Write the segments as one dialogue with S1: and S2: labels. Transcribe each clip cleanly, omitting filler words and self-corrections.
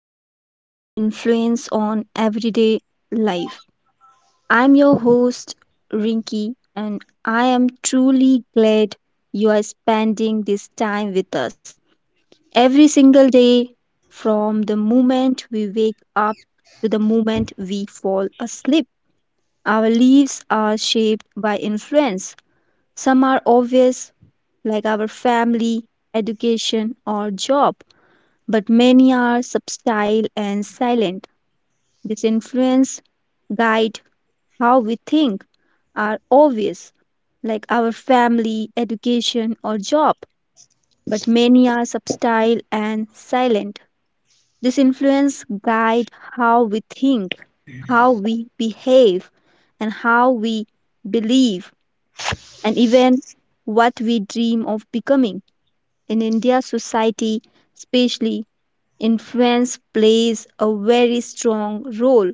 S1: podcast, Influence on Everyday Life. I'm your host, Rinky, and I am truly glad you are spending this time with us. Every single day, from the moment we wake up to the moment we fall asleep, our lives are shaped by influence. Some are obvious, like our family, education, or job, but many are subtle and silent. This influence guide how we think are obvious, like our family, education, or job, but many are subtle and silent. This influence guide how we think, how we behave, and how we believe, and even what we dream of becoming. In India society, especially influence plays a very strong role.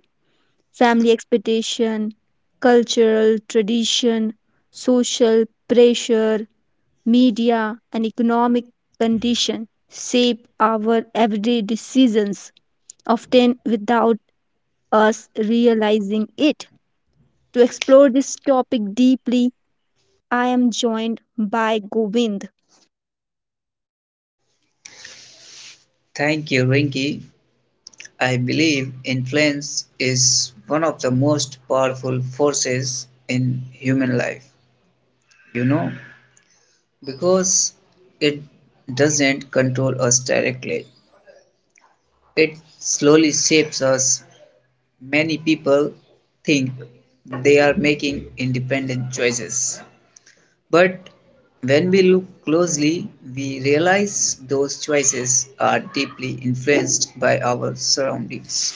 S1: Family expectation, cultural tradition, social pressure, media, and economic condition shape our everyday decisions, often without us realizing it. To explore this topic deeply, I am joined by Govind.
S2: Thank you, Rinki. I believe influence is one of the most powerful forces in human life, you know, because it doesn't control us directly. It slowly shapes us. Many people think they are making independent choices. But when we look closely, we realize those choices are deeply influenced by our surroundings.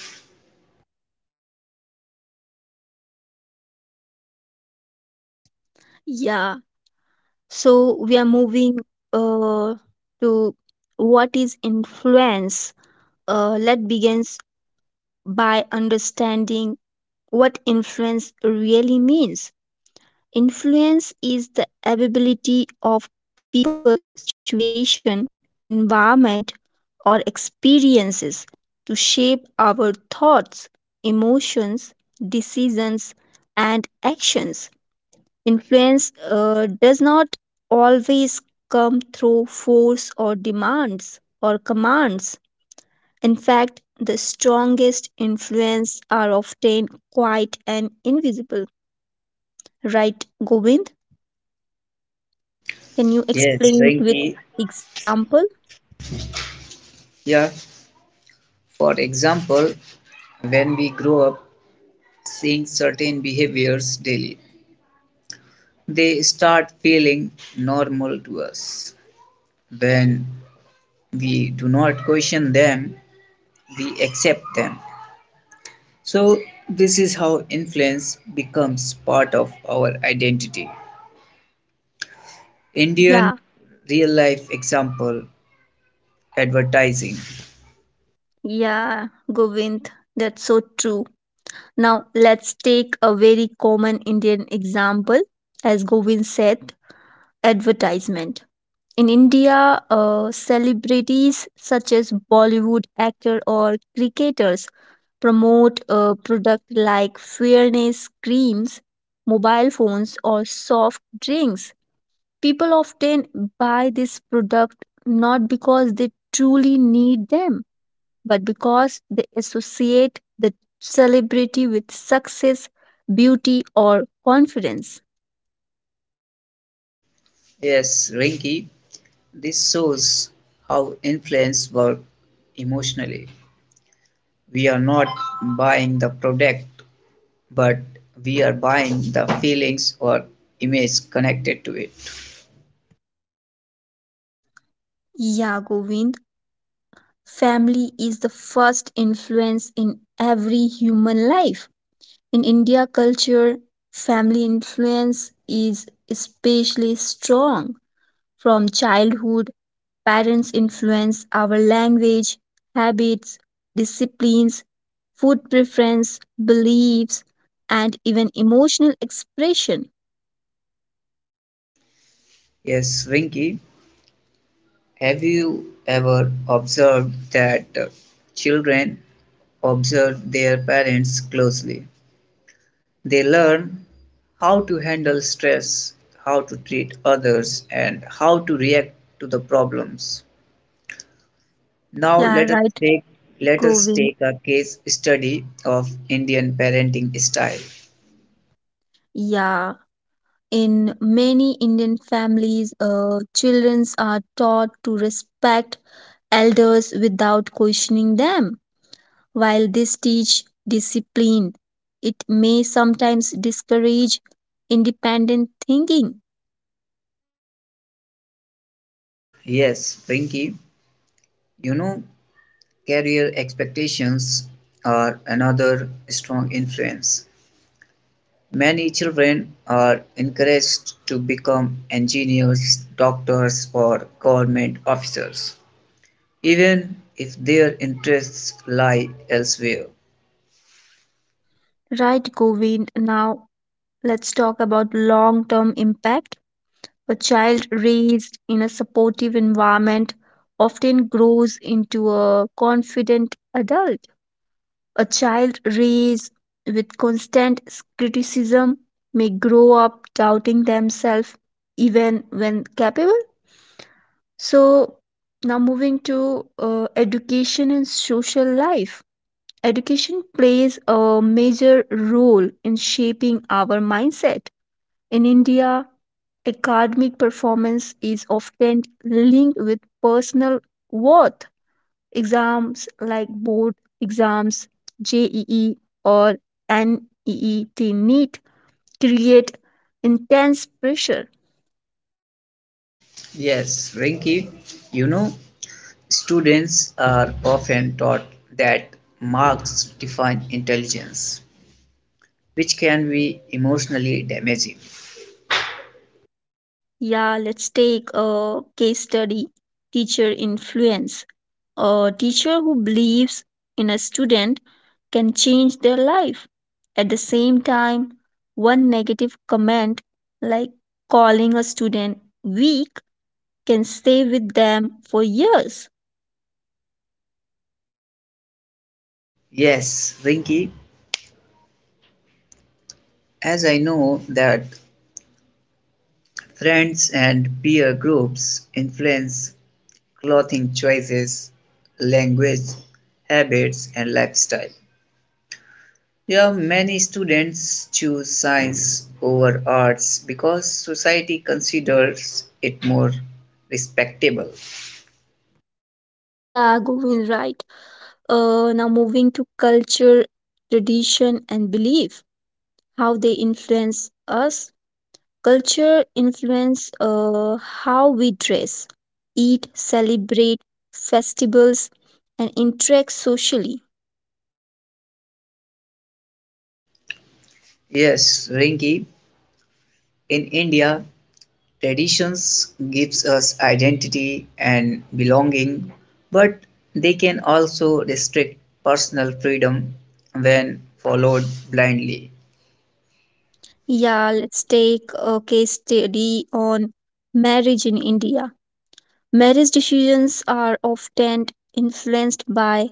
S1: Yeah, so we are moving uh, to what is influence. Let begins by understanding what influence really means. Influence is the ability of people, situation, environment, or experiences to shape our thoughts, emotions, decisions, and actions. Influence does not always come through force or demands or commands. In fact, the strongest influence are often quiet and invisible, right, Govind? Can you
S2: Yes,
S1: explain with
S2: Rinki.
S1: example?
S2: Yeah, for example, when we grow up seeing certain behaviors daily, they start feeling normal to us. When we do not question them, we accept them. So, this is how influence becomes part of our identity.
S1: Yeah,
S2: Indian real life example advertising.
S1: yeah, Govind, that's so true. Now, let's take a very common Indian example, as Govind said, advertisement. In India, celebrities such as Bollywood actor or cricketers promote a product like fairness creams, mobile phones, or soft drinks. People often buy this product not because they truly need them, but because they associate the celebrity with success, beauty, or confidence.
S2: Yes, Rinki. This shows how influence works emotionally. We are not buying the product, but we are buying the feelings or image connected to it.
S1: Yeah, Govind. Family is the first influence in every human life. In India culture, family influence is especially strong. From childhood, parents influence our language, habits, disciplines, food preference, beliefs, and even emotional expression.
S2: Yes, Rinky, have you ever observed that children observe their parents closely? They learn how to handle stress, how to treat others, and how to react to the problems. Now
S1: Yeah, right,
S2: take let us
S1: Govind.
S2: take a case study of Indian parenting style.
S1: Yeah. In many Indian families, children are taught to respect elders without questioning them. While this teach discipline, it may sometimes discourage independent thinking.
S2: Yes, Pinky, you know, career expectations are another strong influence. Many children are encouraged to become engineers, doctors, or government officers, even if their interests lie elsewhere.
S1: Right, Govind. Now let's talk about long-term impact. A child raised in a supportive environment often grows into a confident adult. A child raised with constant criticism may grow up doubting themselves even when capable. So, now moving to education and social life. Education plays a major role in shaping our mindset. In India, academic performance is often linked with personal worth. Exams like board exams, JEE or NEET create intense pressure.
S2: Yes, Rinky, you know, students are often taught that marks define intelligence, which can be emotionally damaging.
S1: Yeah, let's take a case study, teacher influence. A teacher who believes in a student can change their life. At the same time, one negative comment like calling a student weak can stay with them for years.
S2: Yes, Rinky, as I know that friends and peer groups influence clothing choices, language, habits, and lifestyle. Yeah, many students choose science over arts because society considers it more respectable.
S1: Yeah, Govind, right. Now moving to culture, tradition, and belief, how they influence us. Culture influence how we dress, eat, celebrate festivals, and interact socially.
S2: Yes, Rinky, in India, traditions gives us identity and belonging, but they can also restrict personal freedom when followed blindly.
S1: Yeah, let's take a case study on marriage in India. Marriage decisions are often influenced by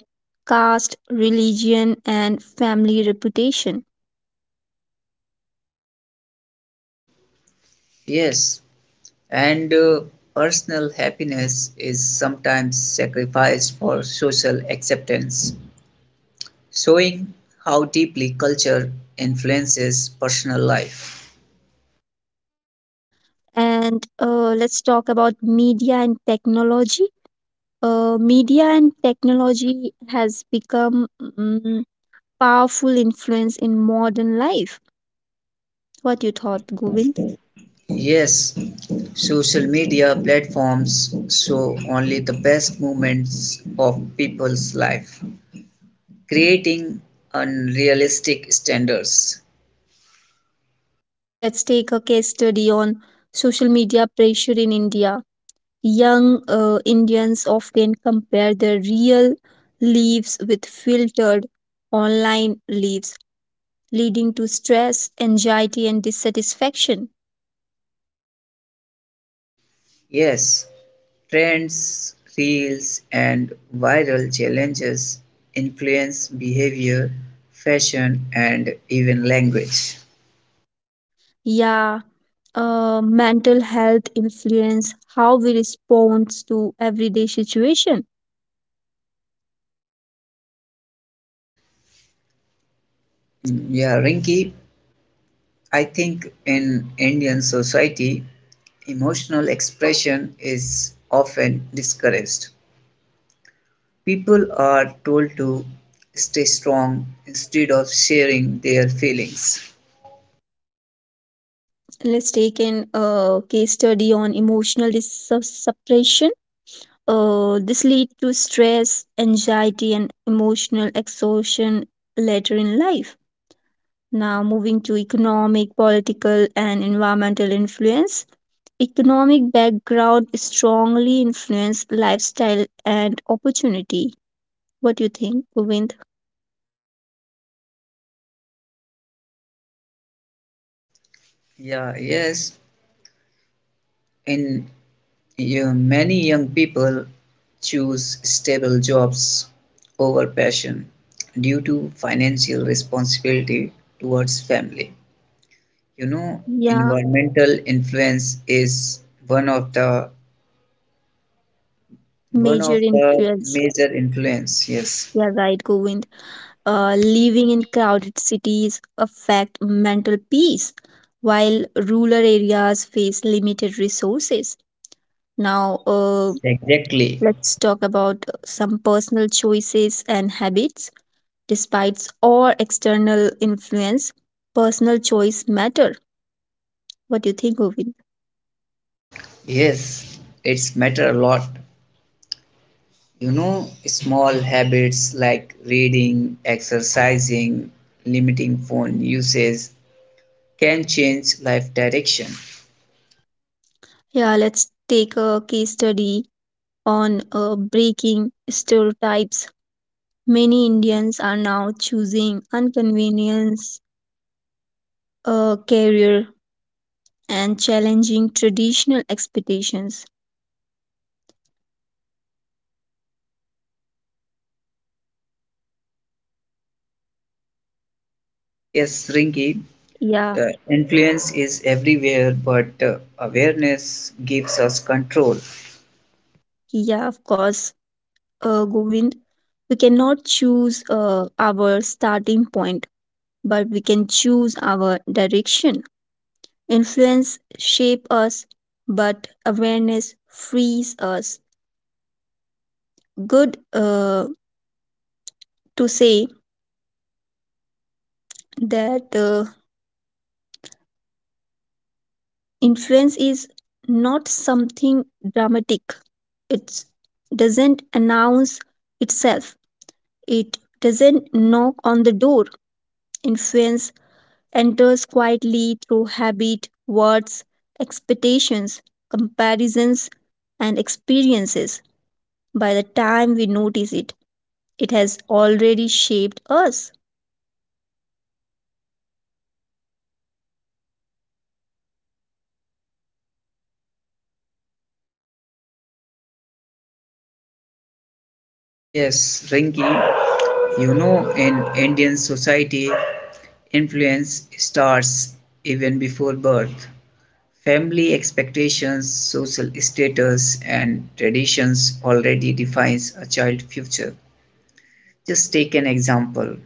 S1: caste, religion, and family reputation.
S2: Yes, and personal happiness is sometimes sacrificed for social acceptance, showing how deeply culture influences personal life.
S1: And let's talk about media and technology. Media and technology has become powerful influence in modern life. What you thought, Govind?
S2: Yes, social media platforms show only the best moments of people's life, creating unrealistic standards.
S1: Let's take a case study on social media pressure in India. Young Indians often compare their real lives with filtered online lives, leading to stress, anxiety, and dissatisfaction.
S2: Yes, trends, reels, and viral challenges influence behavior, fashion, and even language.
S1: Yeah, mental health influence how we respond to everyday situation.
S2: Yeah, Rinky, I think in Indian society, emotional expression is often discouraged. People are told to stay strong instead of sharing their feelings.
S1: Let's take an case study on emotional suppression. This lead to stress, anxiety, and emotional exhaustion later in life. Now, moving to economic, political, and environmental influence. Economic background strongly influence lifestyle and opportunity. What do you think, Govind?
S2: Yeah, yes, and you many young people choose stable jobs over passion due to financial responsibility towards family. You know,
S1: Yeah,
S2: environmental influence is one of the one
S1: major
S2: of the
S1: influence.
S2: major influence.
S1: Yeah,
S2: Yes,
S1: right, Govind. Living in crowded cities affect mental peace, while rural areas face limited resources.
S2: yes,
S1: Now,
S2: exactly.
S1: let's talk about some personal choices and habits. Despite all external influence, personal choice matter. What do you think, Govind?
S2: Yes, it's matter a lot. You know, small habits like reading, exercising, limiting phone usage can change life direction.
S1: Yeah, let's take a case study on breaking stereotypes. Many Indians are now choosing inconvenience a career and challenging traditional expectations.
S2: Yes, Rinki,
S1: Yeah,
S2: uh, influence is everywhere, but awareness gives us control.
S1: yeah, of course, Govind. We cannot choose our starting point, but we can choose our direction. Influence shape us, but awareness frees us. Good to say that influence is not something dramatic. It doesn't announce itself. It doesn't knock on the door. Influence enters quietly through habit, words, expectations, comparisons, and experiences. By the time we notice it, it has already shaped us.
S2: Yes, Rinki, you know, in Indian society, influence starts even before birth. Family expectations, social status, and traditions already defines a child's future. Just take an example.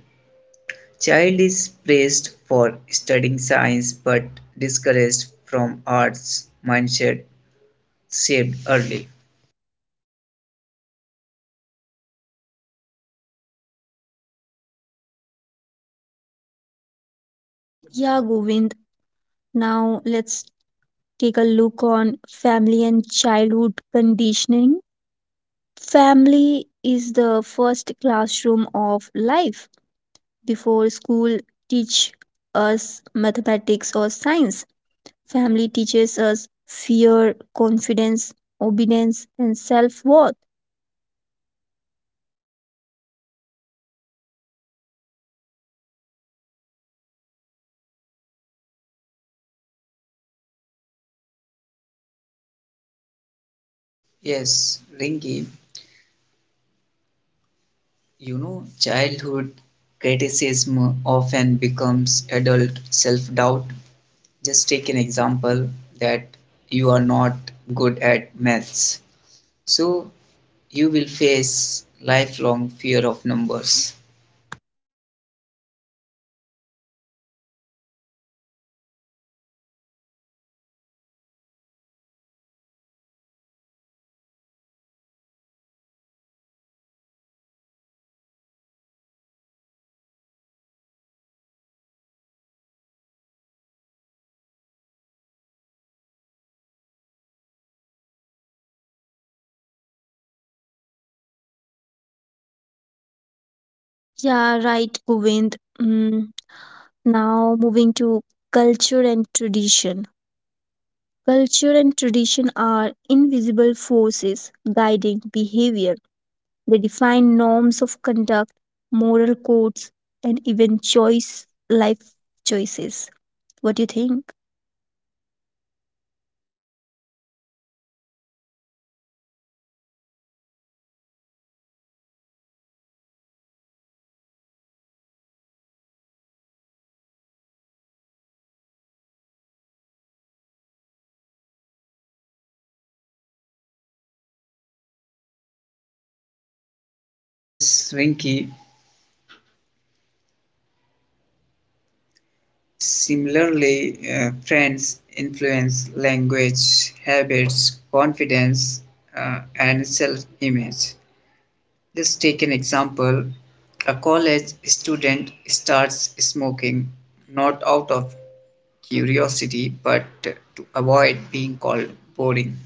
S2: Child is praised for studying science but discouraged from arts mindset shaped early.
S1: Yeah, Govind. Now let's take a look on family and childhood conditioning. Family is the first classroom of life. Before school teach us mathematics or science, family teaches us fear, confidence, obedience and self-worth.
S2: Yes, Ringy, you know childhood criticism often becomes adult self-doubt. Just take an example that you are not good at maths. So you will face lifelong fear of numbers.
S1: Yeah, right, Govind. Now moving to culture and tradition. Culture and tradition are invisible forces guiding behavior. They define norms of conduct, moral codes, and even choice life choices. What do you think?
S2: Yes, Rinky. Similarly, friends influence language, habits, confidence, and self image. Just take an example: a college student starts smoking not out of curiosity but to avoid being called boring.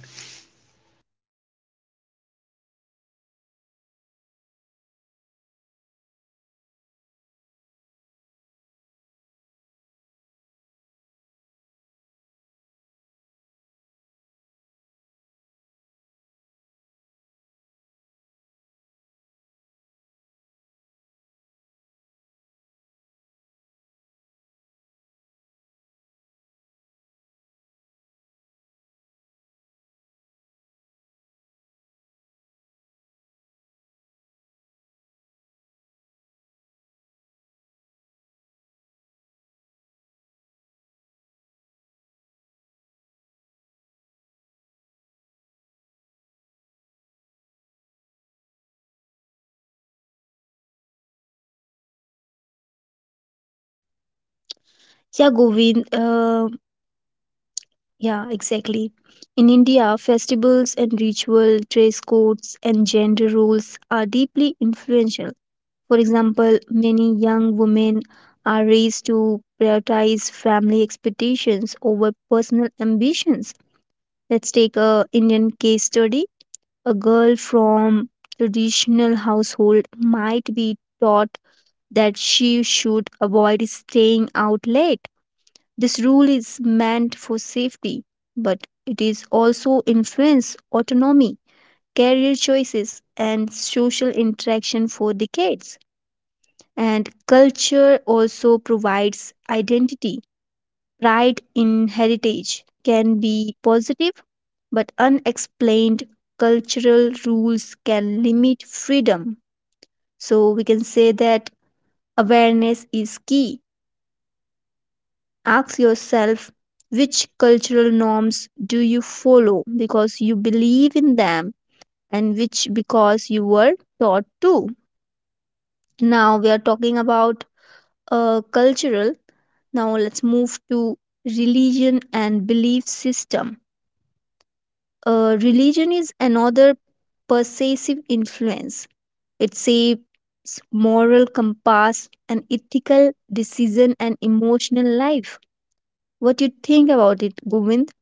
S1: Yeah, Govind. Yeah, exactly. In India, festivals and ritual, dress codes, and gender roles are deeply influential. For example, many young women are raised to prioritize family expectations over personal ambitions. Let's take a Indian case study. A girl from traditional household might be taught that she should avoid staying out late. This rule is meant for safety, but it is also influence autonomy, career choices, and social interaction for decades. And culture also provides identity. Pride in heritage can be positive, but unexplained cultural rules can limit freedom. So we can say that awareness is key. Ask yourself which cultural norms do you follow because you believe in them and which because you were taught to. Now we are talking about cultural. Now let's move to religion and belief system. Religion is another persuasive influence. It shapes moral compass and ethical decision and emotional life. What you think about it, Govind?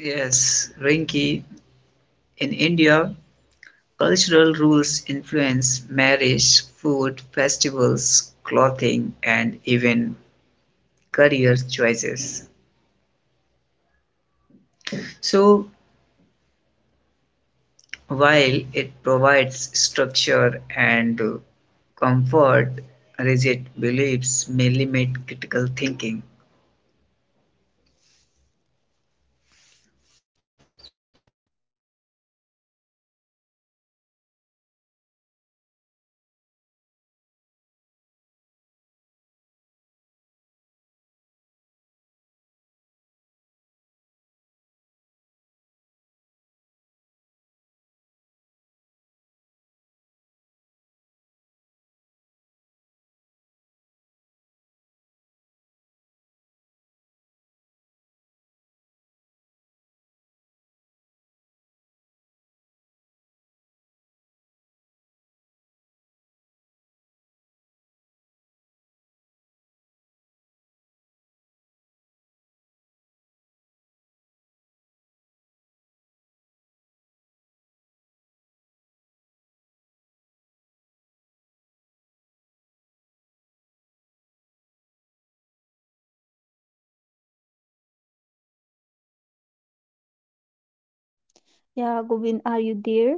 S2: Yes, Rinky, in India, cultural rules influence marriage, food, festivals, clothing, and even career choices. So, while it provides structure and comfort, rigid beliefs may limit critical thinking.
S1: Yeah, Govind, are you there?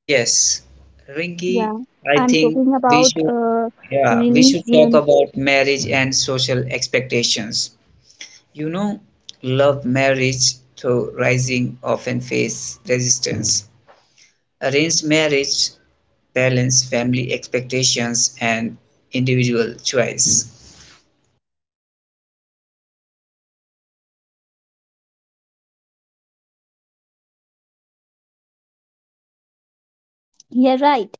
S2: Yes, Rinky,
S1: Yeah,
S2: I
S1: I'm
S2: think
S1: talking
S2: we
S1: about
S2: should yeah, we should talk
S1: religion.
S2: about marriage and social expectations. You know, love marriage, though rising, often face resistance. Arranged marriage balance family expectations and individual choice.
S1: Yeah, right.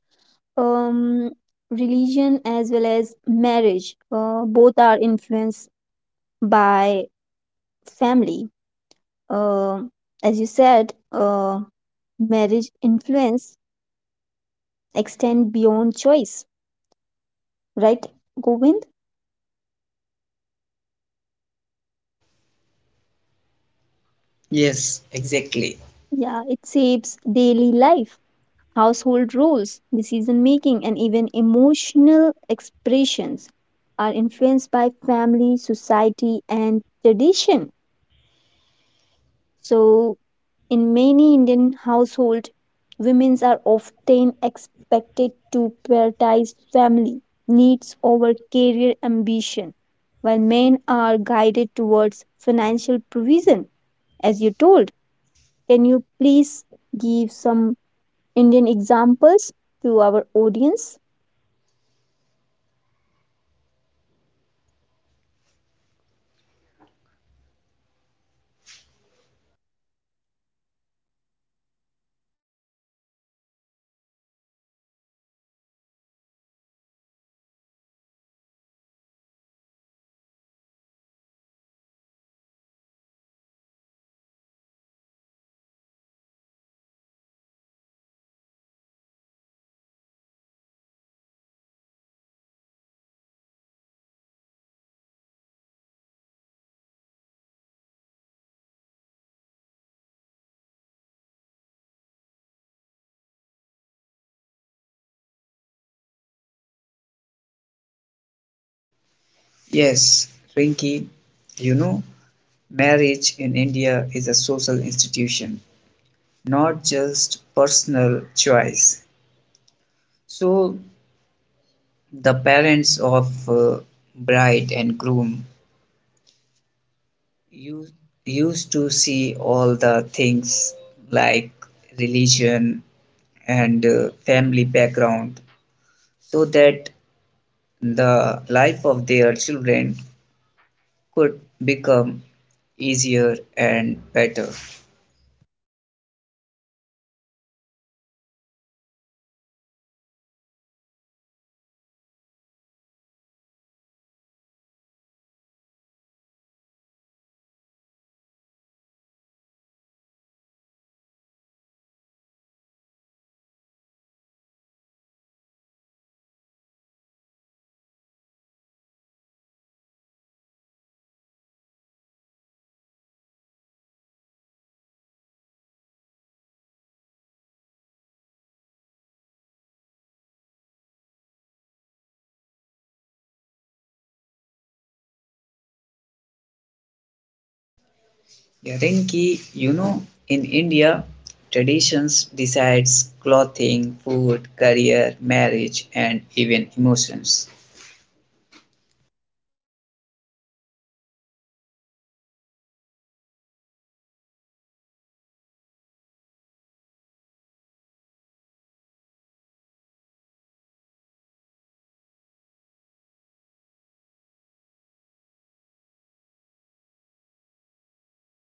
S1: Um, Religion as well as marriage, both are influenced by family. Um as you said, marriage influence extend beyond choice, right, Govind?
S2: Yes, exactly.
S1: Yeah, it shapes daily life. Household rules, decision making, and even emotional expressions are influenced by family, society, and tradition. So, in many Indian households, women are often expected to prioritize family needs over career ambition, while men are guided towards financial provision, as you told. Can you please give some Indian examples to our audience?
S2: Yes, Rinky, you know, marriage in India is a social institution, not just personal choice. So, the parents of bride and groom you used to see all the things like religion and family background so that the life of their children could become easier and better. Yeah, Rinki, you know, in India, traditions decides clothing, food, career, marriage, and even emotions.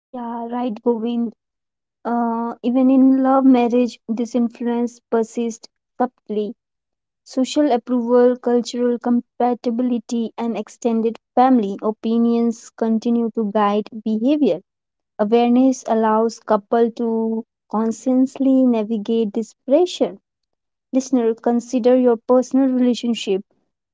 S1: Yeah, right, Govind. Even in love marriage, this influence persists subtly. Social approval, cultural compatibility, and extended family opinions continue to guide behavior. Awareness allows couple to consciously navigate this pressure. Listener, consider your personal relationship.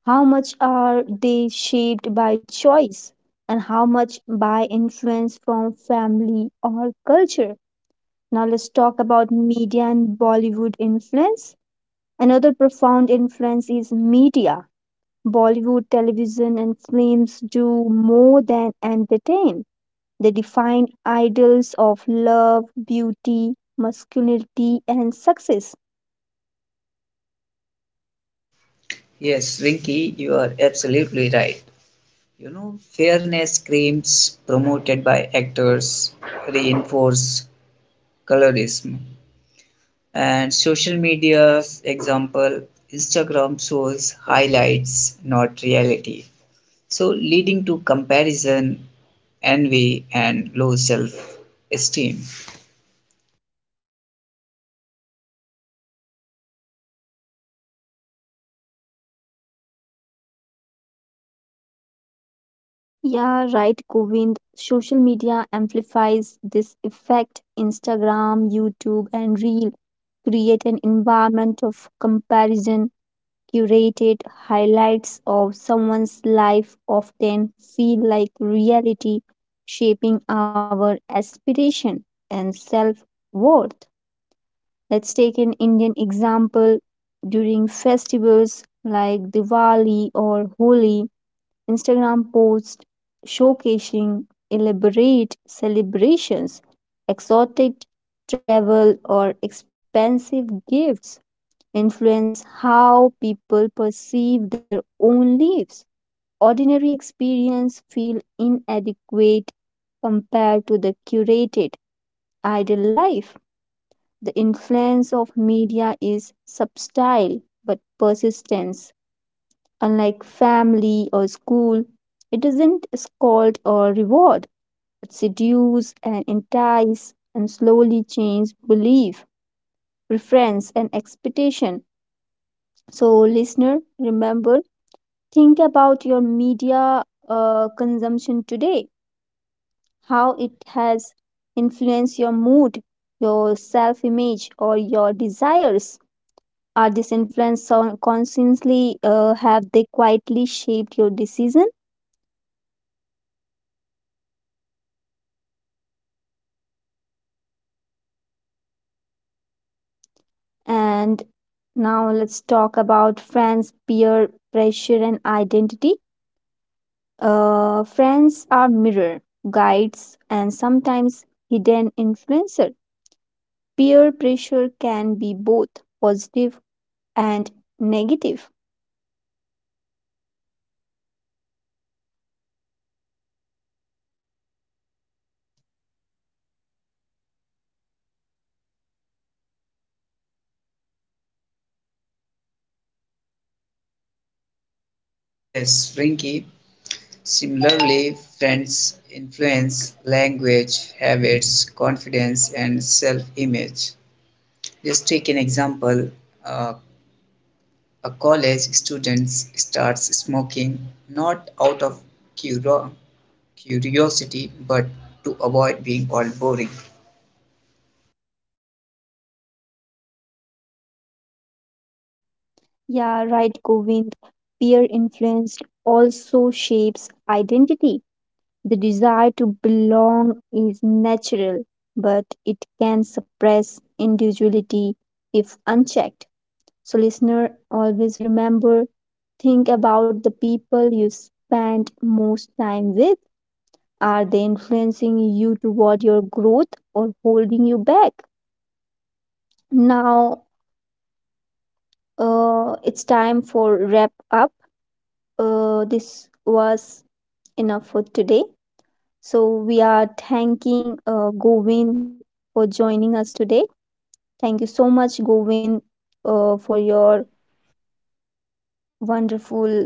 S1: How much are they shaped by choice and how much by influence from family or culture? Now let's talk about media and Bollywood influence. Another profound influence is media. Bollywood television and films do more than entertain. They define ideals of love, beauty, masculinity, and success.
S2: Yes, Rinki, you are absolutely right. You know, fairness claims promoted by actors reinforce colorism. And social media's example, Instagram shows highlights, not reality. So, leading to comparison, envy, and low self esteem.
S1: Yeah, right, Govind. Social media amplifies this effect. Instagram, YouTube, and Reel create an environment of comparison. Curated highlights of someone's life often feel like reality, shaping our aspiration and self worth. Let's take an Indian example. During festivals like Diwali or Holi, Instagram posts showcasing elaborate celebrations, exotic travel, or expensive gifts influence how people perceive their own lives. Ordinary experience feel inadequate compared to the curated ideal life. The influence of media is subtle but persistent. Unlike family or school, it doesn't scold or reward, but seduce and entice and slowly change belief, preference, and expectation. So, listener, remember. Think about your media consumption today, how it has influenced your mood, your self image, or your desires. Are these influences consciously, have they quietly shaped your decision? And now let's talk about friends, peer pressure, and identity. Friends are mirror, guides, and sometimes hidden influencer. Peer pressure can be both positive and negative.
S2: Yes, Rinky. Similarly, friends influence language, habits, confidence, and self image. Just take an example. uh, A college student starts smoking not out of cura- curiosity but to avoid being called boring.
S1: Yeah, right, Govind. Peer influence also shapes identity. The desire to belong is natural, but it can suppress individuality if unchecked. So, listener, always remember, think about the people you spend most time with. Are they influencing you toward your growth or holding you back? Now, it's time for wrap up. This was enough for today. So we are thanking Govind for joining us today. Thank you so much, Govind, for your wonderful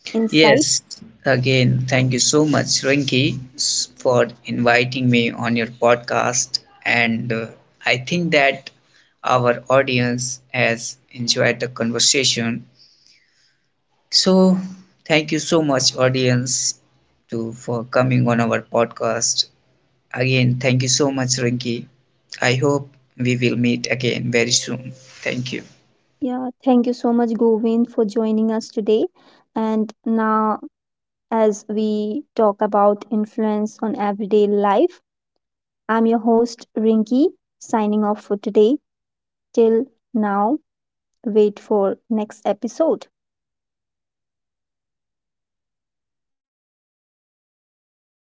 S1: insight.
S2: Yes, again, thank you so much, Rinki, for inviting me on your podcast. And I think that our audience has enjoyed the conversation. So, thank you so much, audience, to for coming on our podcast. Again, thank you so much, Rinki. I hope we will meet again very soon. Thank you.
S1: Yeah, thank you so much, Govind, for joining us today. And now, as we talk about influence on everyday life, I'm your host, Rinki, signing off for today. Till now, wait for next episode.